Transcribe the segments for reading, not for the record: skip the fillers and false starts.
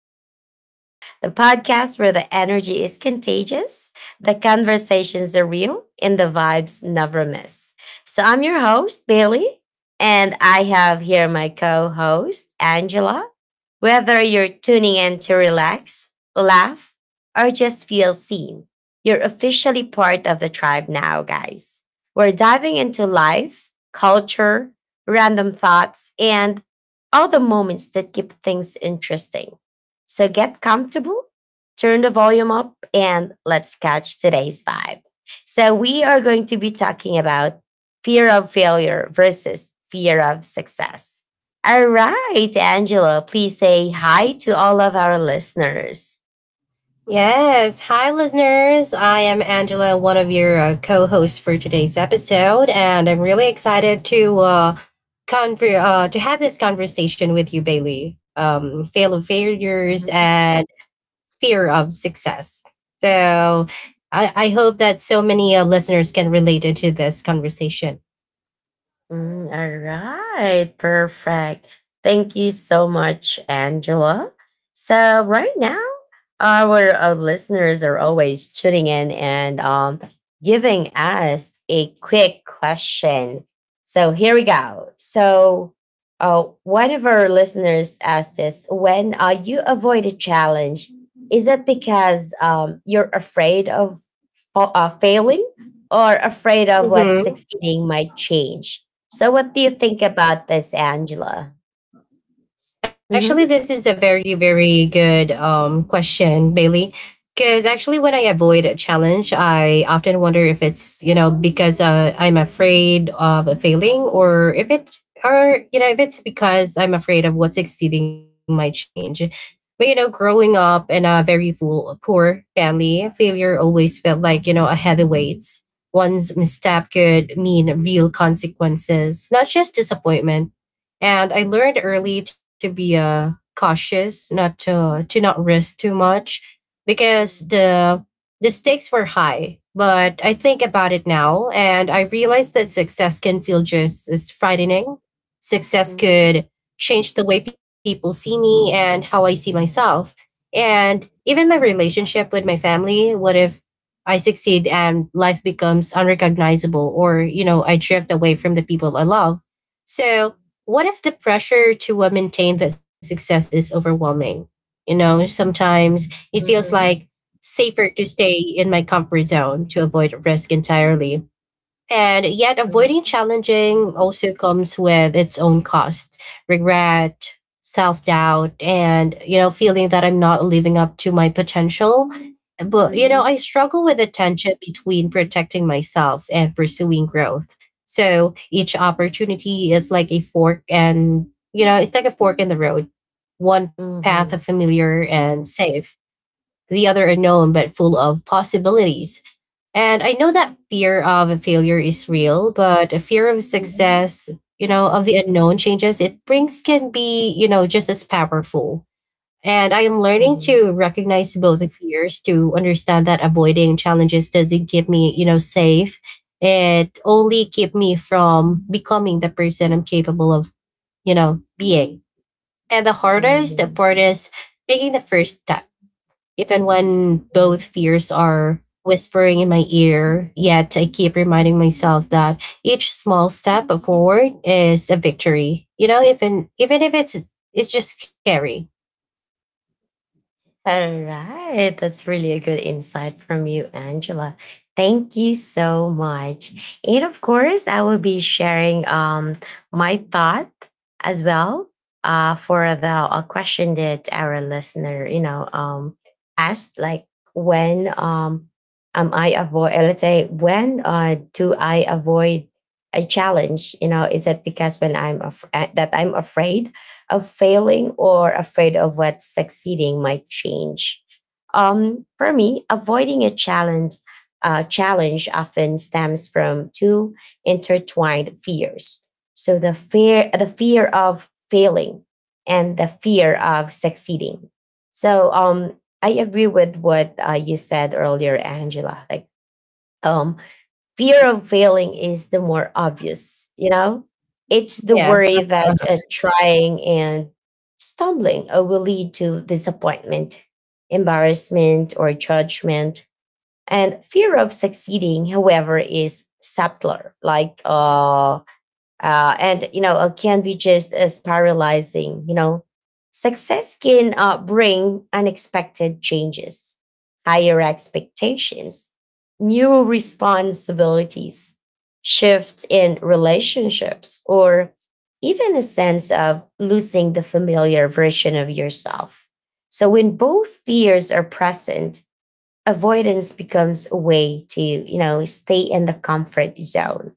Vibe Tribe, the podcast where the energy is contagious, the conversations are real, and the vibes never miss. So, I'm your host, Bailey, and I have here my co host, Angela. Whether you're tuning in to relax, laugh, or just feel seen, you're officially part of the tribe now, guys. We're diving into life, culture, random thoughts, and are the moments that keep things interesting. So get comfortable, turn the volume up, and let's catch today's vibe. So, we are going to be talking about fear of failure versus fear of success. All right, Angelo, please say hi to all of our listeners. Yes. Hi, listeners. I am Angela, one of your co hosts for today's episode. And I'm really excited to. To have this conversation with you, Bailey. Fail of failures and fear of success. So, I hope that so many listeners can relate into this conversation. Mm, all right, perfect. Thank you so much, Angela. So right now, our listeners are always tuning in and giving us a quick question. So here we go. So one of our listeners asked this: when you avoid a challenge, is it because you're afraid of failing, or afraid of what succeeding might change? So, what do you think about this, Angela? Mm-hmm. Actually, this is a very, very good question, Bailey. Because actually, when I avoid a challenge, I often wonder if it's because I'm afraid of failing or if it, or, you know, if it's because I'm afraid of what's exceeding my change. But, you know, growing up in a very full, poor family, failure always felt like, you know, a heavy weight. One's misstep could mean real consequences, not just disappointment, and I learned early to be cautious, not to to not risk too much because the stakes were high. But I think about it now, and I realize that success can feel just as frightening. Success Mm-hmm. could change the way people see me and how I see myself, and even my relationship with my family. What if I succeed and life becomes unrecognizable, or you know, I drift away from the people I love? So what if the pressure to maintain that success is overwhelming? You know, sometimes it feels Mm-hmm. like safer to stay in my comfort zone to avoid risk entirely. And yet, avoiding Mm-hmm. challenging also comes with its own cost, regret, self doubt, and, you know, feeling that I'm not living up to my potential. But, you know, Mm-hmm. I struggle with the tension between protecting myself and pursuing growth. So each opportunity is like a you know, it's like a fork in the road. One path of Mm-hmm. familiar and safe, the other unknown but full of possibilities, and I know that fear of failure is real, but a fear of Mm-hmm. success, you know, of the unknown changes it brings can be, you know, just as powerful. And I am learning to recognize both the fears, to understand that avoiding challenges doesn't keep me, you know, safe. It only keep me from becoming the person I'm capable of, you know, being. And the hardest part is taking the first step if and when Mm-hmm. both fears are whispering in my ear, yet I keep reminding myself that each small step forward is a victory. You know, even if it's just scary. All right. That's really a good insight from you, Angela. Thank you so much. And of course, I will be sharing my thought as well for the a question that our listener, asked, like, when am I avoid, let's say, when do I avoid a challenge? You know, is it because, when I'm that I'm afraid of failing, or afraid of what succeeding might change? For me, avoiding a challenge often stems from two intertwined fears. So the fear of failing, and the fear of succeeding. So, I agree with what you said earlier, Angela. Like um, fear of failing is the more obvious, you know? It's the Yeah. worry that trying and stumbling will lead to disappointment, embarrassment, or judgment. And fear of succeeding, however, is subtler, and can be just as paralyzing. Success can bring unexpected changes, higher expectations, new responsibilities, shifts in relationships, or even a sense of losing the familiar version of yourself. So when both fears are present, avoidance becomes a way to, stay in the comfort zone,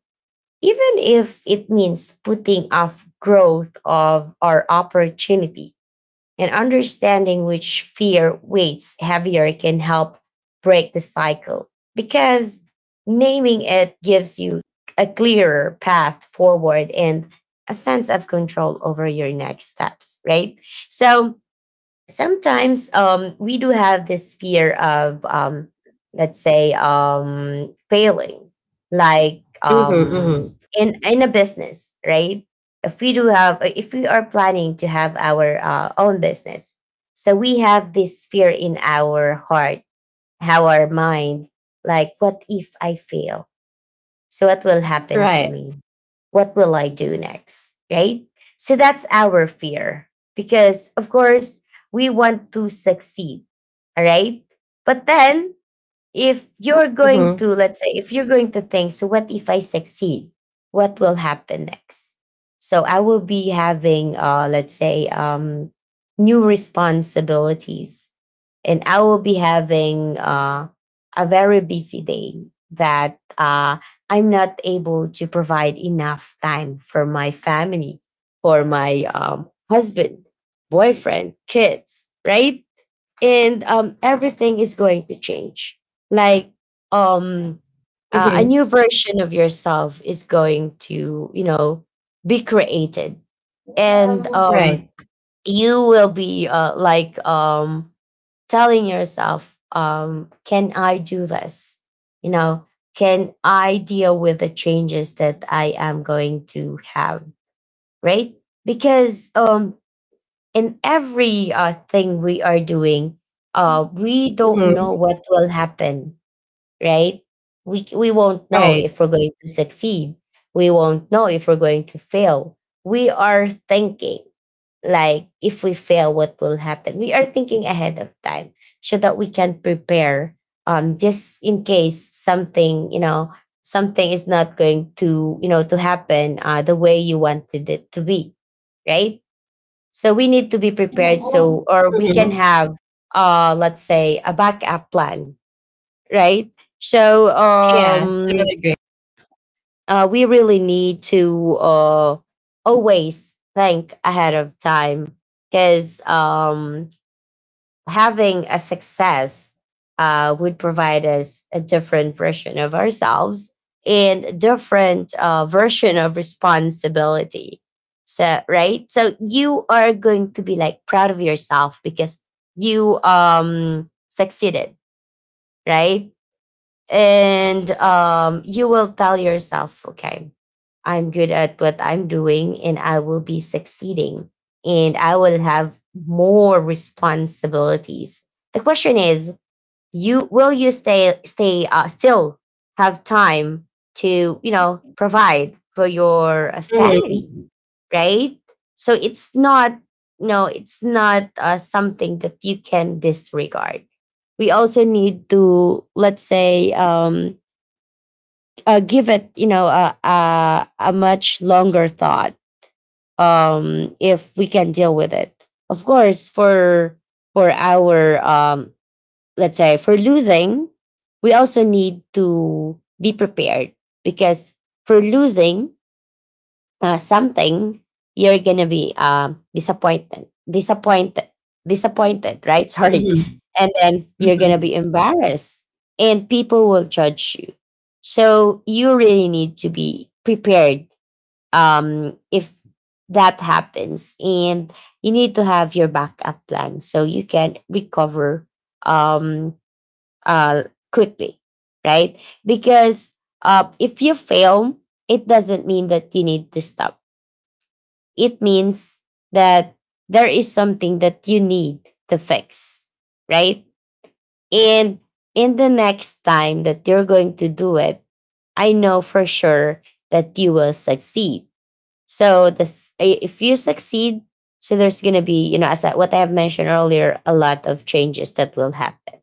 even if it means putting off growth of our opportunity. And understanding which fear weighs heavier can help break the cycle, because naming it gives you a clearer path forward and a sense of control over your next steps, right? So, sometimes, we do have this fear of, let's say, failing, like, Mm-hmm, mm-hmm. In a business, right? If we are planning to have our own business, so we have this fear in our heart, our mind, like, what if I fail? So, what will happen to Right. me? What will I do next? Right? So, that's our fear, because, of course, we want to succeed. All right. But then, if you're going Mm-hmm, to, let's say, if you're going to think, so what if I succeed? What will happen next? So I will be having, let's say, new responsibilities. And I will be having mm-hmm, a very busy day, that I'm not able to provide enough time for my family, for my husband, boyfriend, kids, right? And everything is going to change, like, um a new mm-hmm. version of yourself is going to, be created. And, Mm-hmm. Right. you will be, like, telling yourself, can I do this? you know can I deal with the changes that I am going to have, right? Because, in every thing we are doing, we don't know what Mm-hmm. will happen, right? We won't know if we're going Right. to succeed. We won't know if we're going to fail. We are thinking, like, if we fail, what will happen. We are thinking ahead of time, so that we can prepare, just in case something, something is not going to, to happen the way you wanted it to be, right? So we need to be prepared, so, or we Mm-hmm. can have, let's say, a backup plan, right? So, Yeah. Totally agree. We really need to always think ahead of time, because, having a success would provide us a different version of ourselves, and a different version of responsibility. So, right? So you are going to be, like, proud of yourself, because you succeeded, right? And, you will tell yourself, okay, I'm good at what I'm doing, and I will be succeeding, and I will have more responsibilities. The question is, you will you stay stay still have time to, provide for your family, Mm-hmm. right? So it's not. No, it's not something that you can disregard. We also need to, let's say, give it, a much longer thought, if we can deal with it. Of course, for our, let's say, for losing, we also need to be prepared, because for losing something, you're gonna be, disappointed, disappointed, disappointed, right? Sorry, and then you're gonna be Mm-hmm. embarrassed, and people will judge you. So you really need to be prepared, if that happens, and you need to have your backup plan so you can recover, um, uh, quickly, right? Because, if you fail, it doesn't mean that you need to stop. It means that there is something that you need to fix, right? And in the next time that you're going to do it, I know for sure that you will succeed. So if you succeed, so there's gonna be, you know, as what I have mentioned earlier, a lot of changes that will happen,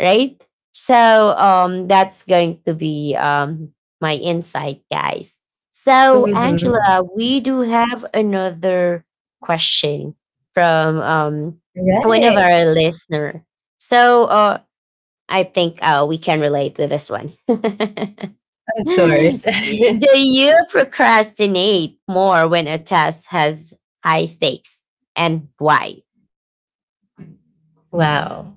right? So, that's going to be, my insight, guys. So, Mm-hmm. Angela, Mm-hmm. we do have another question from, one of Right. our listener. So I think we can relate with this one. Of course. Do you procrastinate more when a task has high stakes, and why? Wow.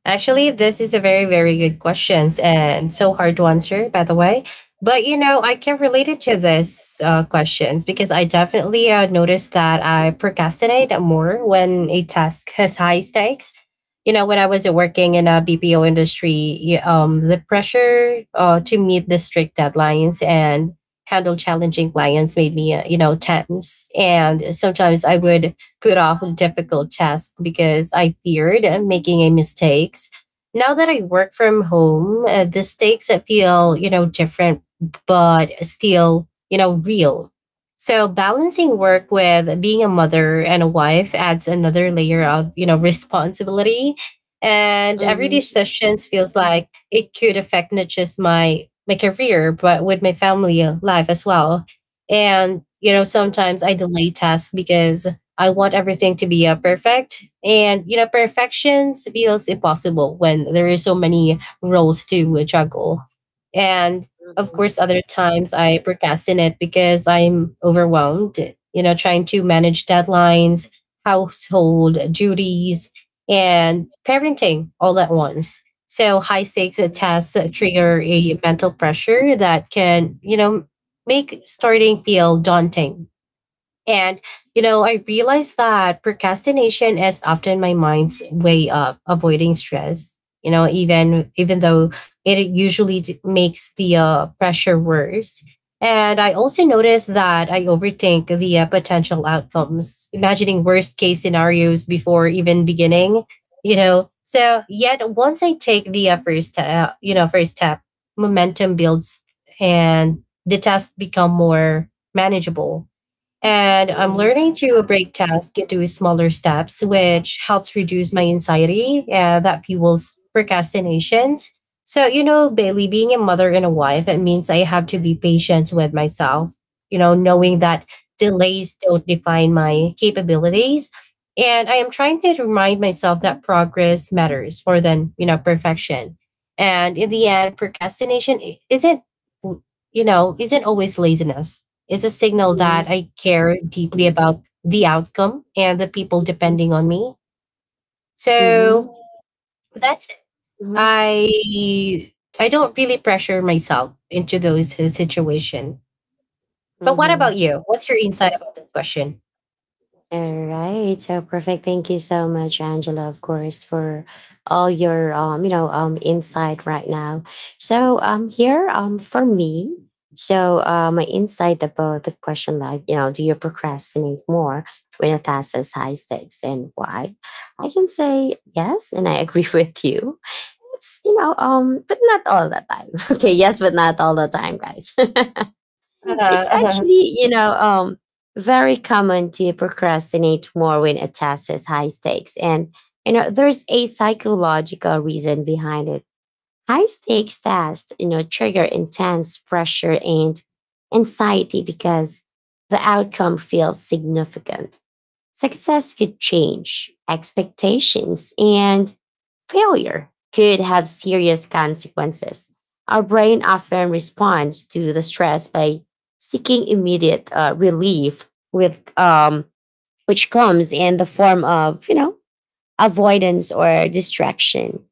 Actually, this is a very, very good questions and so hard to answer, by the way. But you know, I can relate it to this questions because I definitely noticed that I procrastinate more when a task has high stakes. You know, when I was working in a BPO industry, the pressure to meet the strict deadlines and handle challenging clients made me, you know, tense. And sometimes I would put off difficult tasks because I feared making a mistakes. Now that I work from home, the stakes feel, you know, different but still, you know, real. So balancing work with being a mother and a wife adds another layer of, you know, responsibility. And every Mhm, decision feels like it could affect not just my career, but with my family life as well. And you know, sometimes I delay tasks because I want everything to be perfect. And, you know, perfection feels impossible when there is so many roles to juggle. And of course, mhm, other times I procrastinate because I'm overwhelmed, you know, trying to manage deadlines, household duties, and parenting all at once. So high stakes tasks trigger a mental pressure that can, you know, make starting feel daunting and, you know, I realized that procrastination is often my mind's way of avoiding stress, you know, even though it usually makes the pressure worse. And I also noticed that I overthink the potential outcomes, imagining worst case scenarios before even beginning, you know. So, yet once I take the first step, momentum builds and the tasks become more manageable, and mhm, I'm mhm, learning to break tasks into smaller steps, mhm, which helps reduce my anxiety that fuels procrastinations. So, you know, Bailey, being a mother and a wife, it means I have to be patient with myself, you know, knowing that delays don't define my capabilities. And I am trying to remind myself that progress matters more than, you know, perfection. And in the end, procrastination I- isn't, you know, isn't always laziness, it's a signal mhm, that mhm, I care deeply about the outcome and the people depending on me. mhm, So mhm, that's it. mhm. I I don't really pressure myself into those situation. But what Mhm. about you? What's your insight about this question? All right. So perfect. Thank you so much, Angela, of course, for all your insight right now. So here, for me, so my insight about the question, like, you know, do you procrastinate more when a task has high stakes, and why? I can say yes, and I agree with you. It's, you know, but not all the time. Okay, yes, but not all the time, guys. It's Uh, actually, you know, very common to procrastinate more when a task has high stakes. And, you know, there's a psychological reason behind it. High stakes tasks, you know, trigger intense pressure and anxiety, because the outcome feels significant. Success could change expectations, and failure could have serious consequences. Our brain often responds to the stress by seeking immediate relief, with which comes in the form of, avoidance or distraction.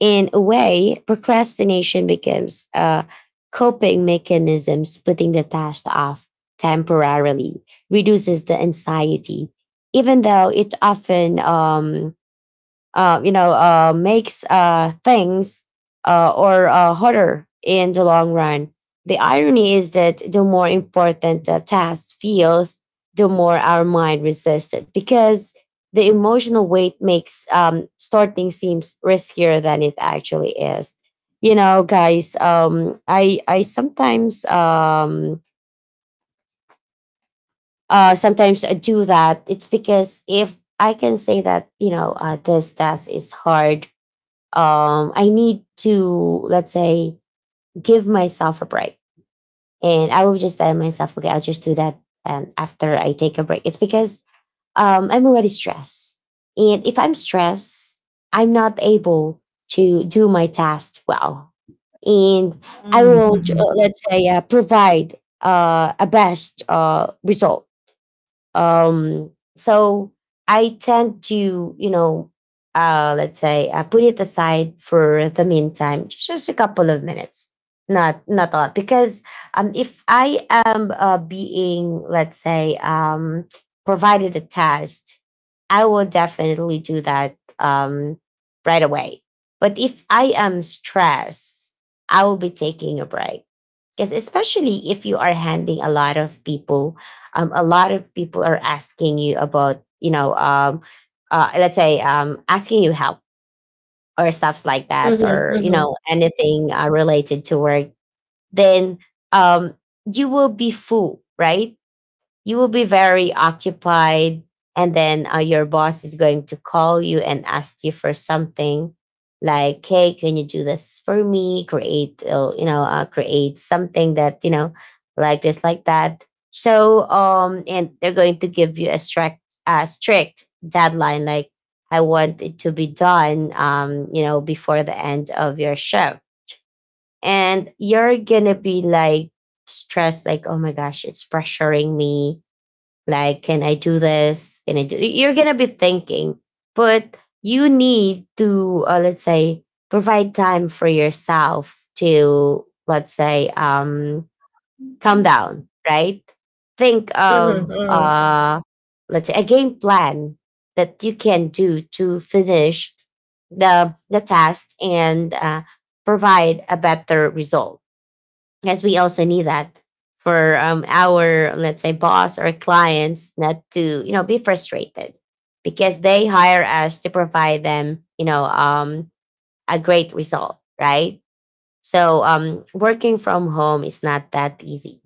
In a way, procrastination becomes a coping mechanism. Putting the task off temporarily reduces the anxiety, even though it often, you know, makes things, or harder in the long run. The irony is that the more important a task feels, the more our mind resists it, because the emotional weight makes, starting seems riskier than it actually is. You know, guys, I sometimes sometimes I do that. It's because, if I can say that, this task is hard, I need to, let's say, give myself a break. And I will just tell myself, okay, I'll just do that after I take a break. It's because, I'm already stressed. And if I'm stressed, I'm not able to do my task well. And I will, mm, let's say, provide a best result, so I tend to, you know, let's say, put it aside for the meantime, just a couple of minutes, not a lot, because, if I am being, let's say, provided a test, I will definitely do that right away. But if I am stressed, I will be taking a break because especially if you are handling a lot of people, a lot of people are asking you about let's say, asking you help or stuffs like that, or mhm, anything related to work. Then um, you will be full, right? You will be very occupied, and then your boss is going to call you and ask you for something like, hey, can you do this for me? Create create something that like this, like that. So and they're going to give you a strict deadline like, I want it to be done before the end of your shift. And you're gonna be like stressed like, oh my gosh, it's pressuring me, like, can I do this? Can I do? You're gonna be thinking. But you need to let's say provide time for yourself to, let's say, calm down, right? Think of mhm, mhm, let's say a game plan that you can do to finish the task and provide a better result. Yes, we also need that for our, let's say, boss or clients not to, you know, be frustrated because they hire us to provide them, a great result, right? So working from home is not that easy.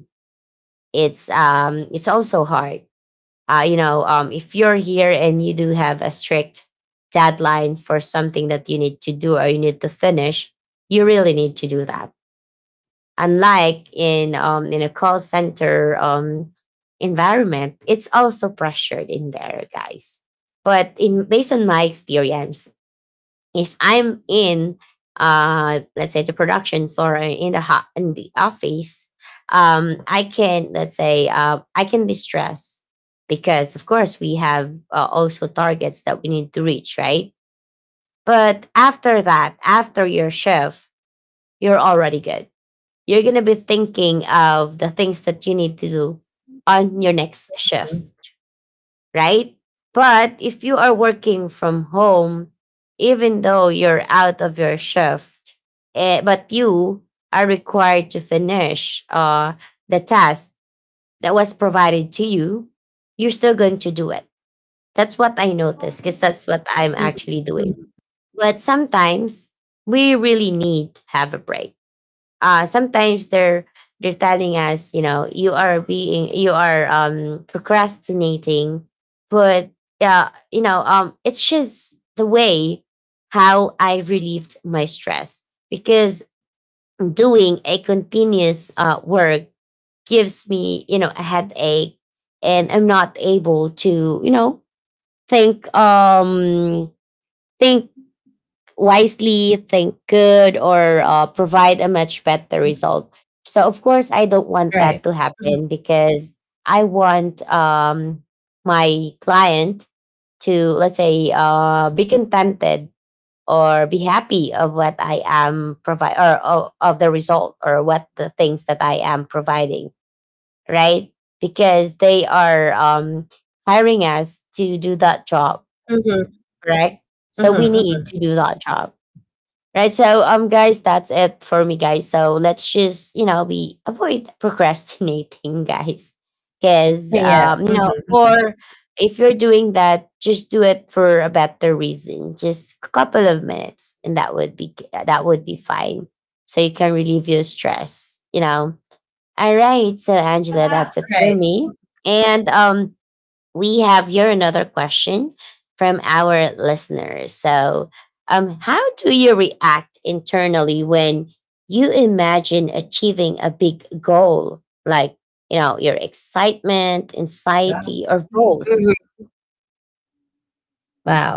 It's also hard. If you're here and you do have a strict deadline for something that you need to do or you need to finish, you really need to do that, unlike in a call center environment. It's also pressured in there, guys. But in, based on my experience, if I'm in, let's say, the production floor or in the in the office, I can, let's say, I can be stressed because of course we have also targets that we need to reach, right? But after that, after your shift, you're already good. You're going to be thinking of the things that you need to do on your next shift, right? But if you are working from home, even though you're out of your shift, eh, but you are required to finish the task that was provided to you, you're still going to do it. That's what I noticed, because that's what I'm mhm, actually mhm, doing. mhm, But sometimes we really need to have a break. Sometimes they're telling us, you know, you are being, you are procrastinating. But yeah, it's just the way how I relieved my stress, because doing a continuous work gives me, you know, a headache, and I'm not able to, you know, think um think wisely, think good, or provide a much better result. So, of course, I don't want Right. that to happen because I want my client to, let's say, be contented or be happy of what I am provide, or of the result, or what the things that I am providing, right? Because they are hiring us to do that job, Mhm, correct? So we mhm, mhm. need to do that job. Right. So, guys, that's it for me, guys. So let's just, you know, we avoid procrastinating, guys. Cause Yeah. You mhm, know, or if you're doing that, just do it for a better reason. Just a couple of minutes, and that would be that would be fine. So you can relieve your stress, you know. All right. So Angela, that's it Right. for me. And we have here another question from our listeners. So, how do you react internally when you imagine achieving a big goal, like, you know, your excitement, Yeah. anxiety, or both?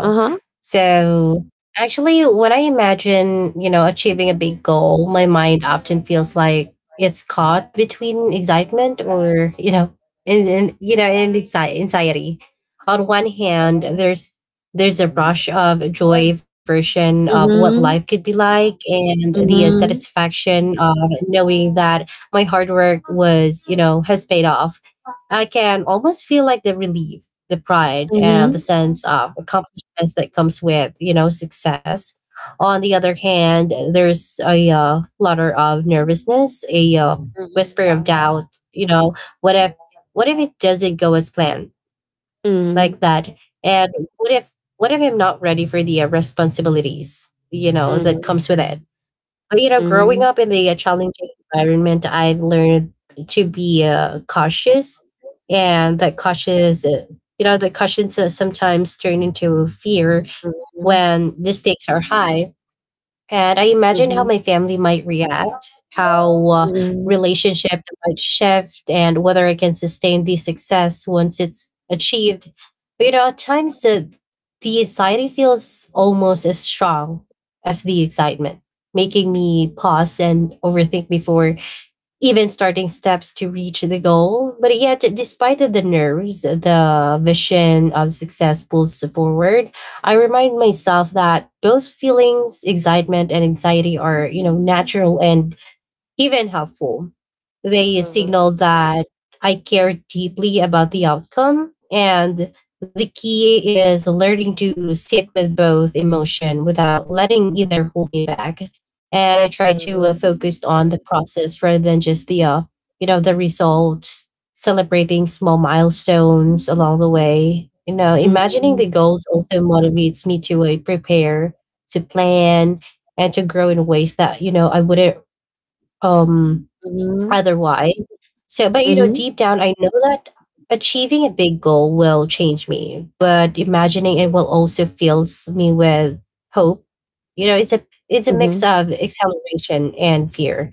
Uh huh. So actually, when I imagine, you know, achieving a big goal, my mind often feels like it's caught between excitement or, you know, and anxiety. On one hand, there's a rush of joy version of what life could Mm-hmm. be like and the Mm-hmm. satisfaction of knowing that my hard work was, you know, has paid off. I can almost feel like the relief, the pride and the Mm-hmm. sense of accomplishment that comes with you know success. On the other hand there's a flutter of nervousness, a whisper of doubt, you know, what if what if it doesn't go as planned, like Mm-hmm. that, and what if I'm not ready for the responsibilities you know that Mm-hmm. comes with it. But, you know, Mm-hmm. growing up in the challenging environment, I've learned to be cautious, and that you know, the cautions sometimes turn into fear Mm-hmm. when the stakes are high. And I imagine how Mm-hmm. my family might react, how relationship might shift, and whether I can sustain the success once it's achieved. But you know, at times the anxiety feels almost as strong as the excitement, making me pause and overthink before even starting steps to reach the goal. But yet, despite the nerves, the vision of success pulls forward. I remind myself that those feelings, excitement and anxiety, are you know natural and even helpful. They signal that I care deeply about the outcome. And the key is learning to sit with both emotion without letting either hold me back. And I try to Mm-hmm. focus on the process rather than just the you know, the results, celebrating small milestones along the way. You know, imagining Mm-hmm. the goals also motivates me to prepare, to plan, and to grow in ways that you know I wouldn't um, Mm-hmm. otherwise. So, but you know, deep down, I know that achieving a big goal will change me, but imagining it will also fills me with hope. You know, it's a mix Mm-hmm. of acceleration and fear.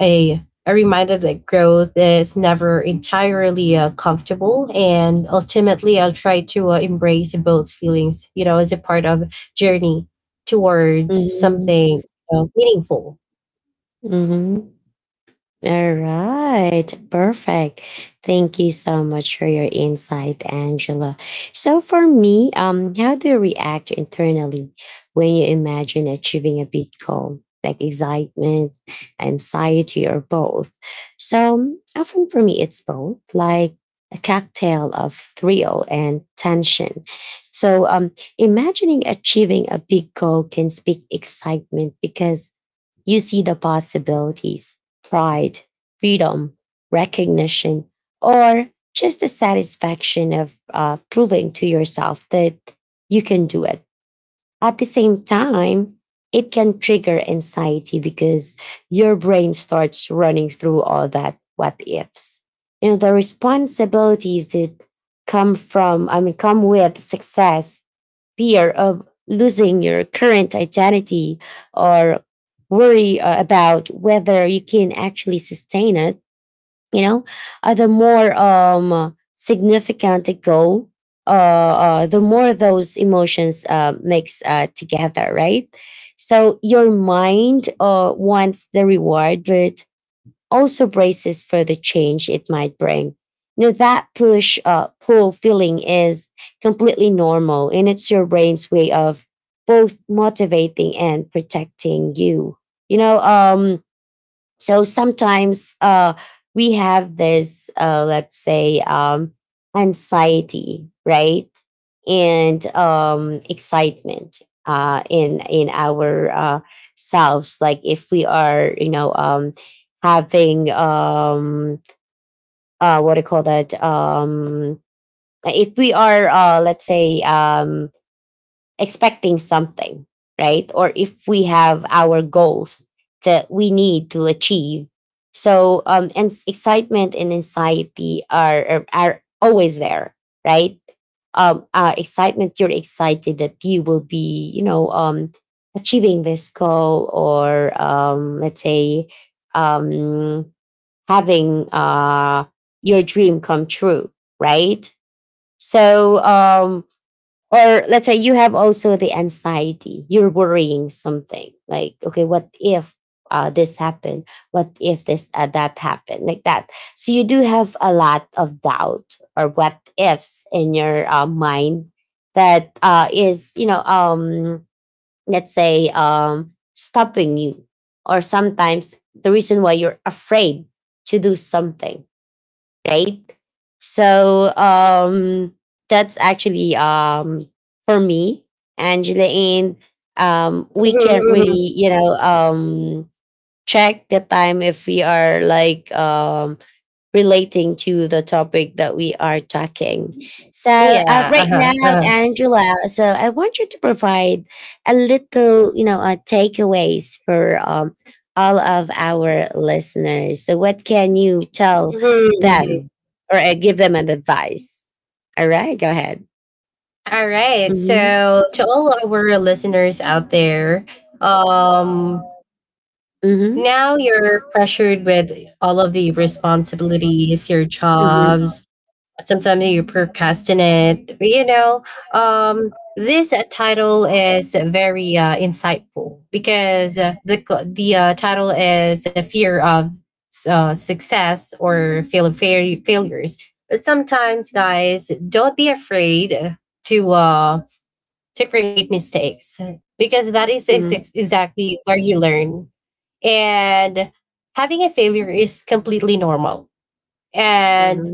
A reminder that growth is never entirely comfortable, and ultimately, I'll try to embrace both feelings. You know, as a part of journey towards Mhm. something you know, meaningful. Mhm. All right. Perfect. Thank you so much for your insight, Angela. So for me, how do you react internally when you imagine achieving a big goal, like excitement, anxiety, or both? So often for me, it's both, like a cocktail of thrill and tension. So imagining achieving a big goal can speak excitement because you see the possibilities, pride, freedom, recognition, or just the satisfaction of proving to yourself that you can do it. At the same time, it can trigger anxiety because your brain starts running through all that what ifs. You know, the responsibilities that come from, I mean, come with success, fear of losing your current identity, or worry about whether you can actually sustain it, you know. The more significant the goal, the more those emotions mix together, right? So your mind wants the reward, but also braces for the change it might bring. You know, that push, pull feeling is completely normal, and it's your brain's way of both motivating and protecting you. You know, um, so sometimes we have this, let's say, anxiety, right, and excitement in our selves. Like if we are, you know, having what do you call that? If we are, let's say, expecting something, right? Or if we have our goals that we need to achieve. So, and excitement and anxiety are always there, right? Excitement, you're excited that you will be, you know, achieving this goal, or let's say, um, having your dream come true, right? So, or let's say you have also the anxiety, you're worrying something like, okay, what if this happened, what if this that happened, like that. So you do have a lot of doubt or what ifs in your mind that is, let's say, stopping you, or sometimes the reason why you're afraid to do something, right? So that's actually for me, Angela, and we can't Mhm, really, mhm. you know, check the time if we are like relating to the topic that we are talking. So, Yeah, right now, uh-huh, uh-huh. Angela, so I want you to provide a little, you know, takeaways for all of our listeners. So, what can you tell Mhm, mhm. them or give them an advice? All right, go ahead. Alright, Mm-hmm. so to all our listeners out there, um, Mm-hmm. now you're pressured with all of the responsibilities, your Mm-hmm. jobs, sometimes you procrastinate you know this title is very insightful because the title is a fear of success or failures, but sometimes guys don't be afraid to uh to create mistakes because that is Mm-hmm. exactly where you learn, and having a failure is completely normal, and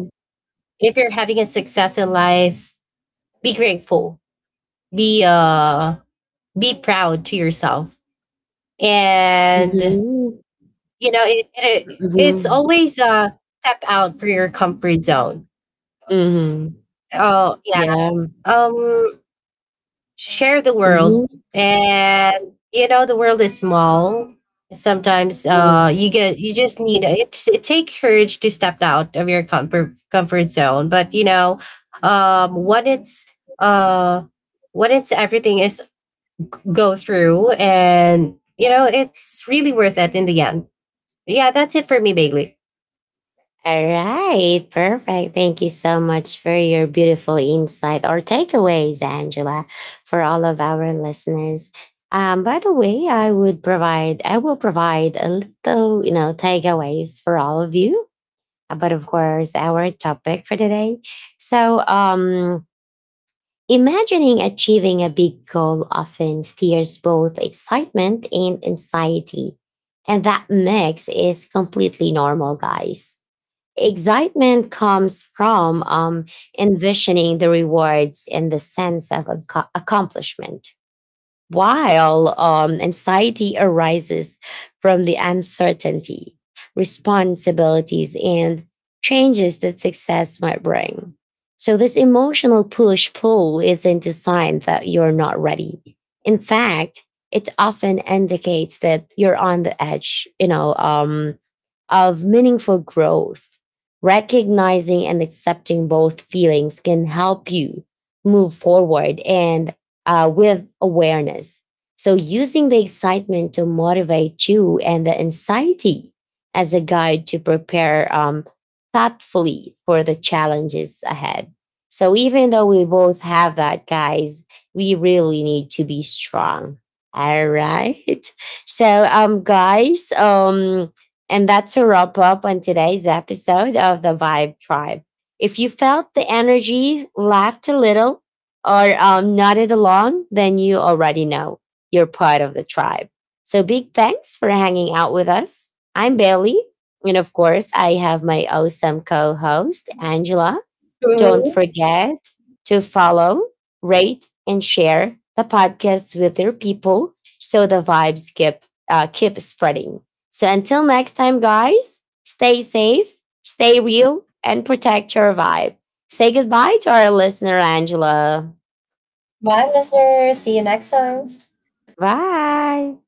if you're having a success in life, be grateful. Be uh be proud to yourself. And Mm-hmm. you know, it's Mm-hmm. always step out for your comfort zone. Mm-hmm. Oh yeah. Yeah. Um share the world Mm-hmm. and you know the world is small, sometimes you Mm-hmm. get you just need it, it takes courage to step out of your comfort zone, but you know when uh it's everything is go through and you know it's really worth it in the end. Yeah, that's it for me, Bailey. All right, perfect. Thank you so much for your beautiful insight or takeaways, Angela, for all of our listeners. By the way, I will provide a little, you know, takeaways for all of you. But of course, our topic for today. So, imagining achieving a big goal often steers both excitement and anxiety, and that mix is completely normal, guys. Excitement comes from envisioning the rewards and the sense of accomplishment, while anxiety arises from the uncertainty, responsibilities, and changes that success might bring. So, this emotional push pull isn't a sign that you're not ready. In fact, it often indicates that you're on the edge, of meaningful growth. Recognizing and accepting both feelings can help you move forward and with awareness. So, using the excitement to motivate you and the anxiety as a guide to prepare thoughtfully for the challenges ahead. So, even though we both have that, guys, we really need to be strong. All right. So, guys, and that's a wrap up on today's episode of the Vibe Tribe. If you felt the energy, laughed a little, or nodded along, then you already know you're part of the tribe. So big thanks for hanging out with us. I'm Bailey. And of course, I have my awesome co host, Angela. Don't Mhm. forget to follow, rate, and share the podcast with your people so the vibes keep, keep spreading. So until next time, guys, stay safe, stay real, and protect your vibe. Say goodbye to our listener, Angela. Bye listeners, see you next time. Bye.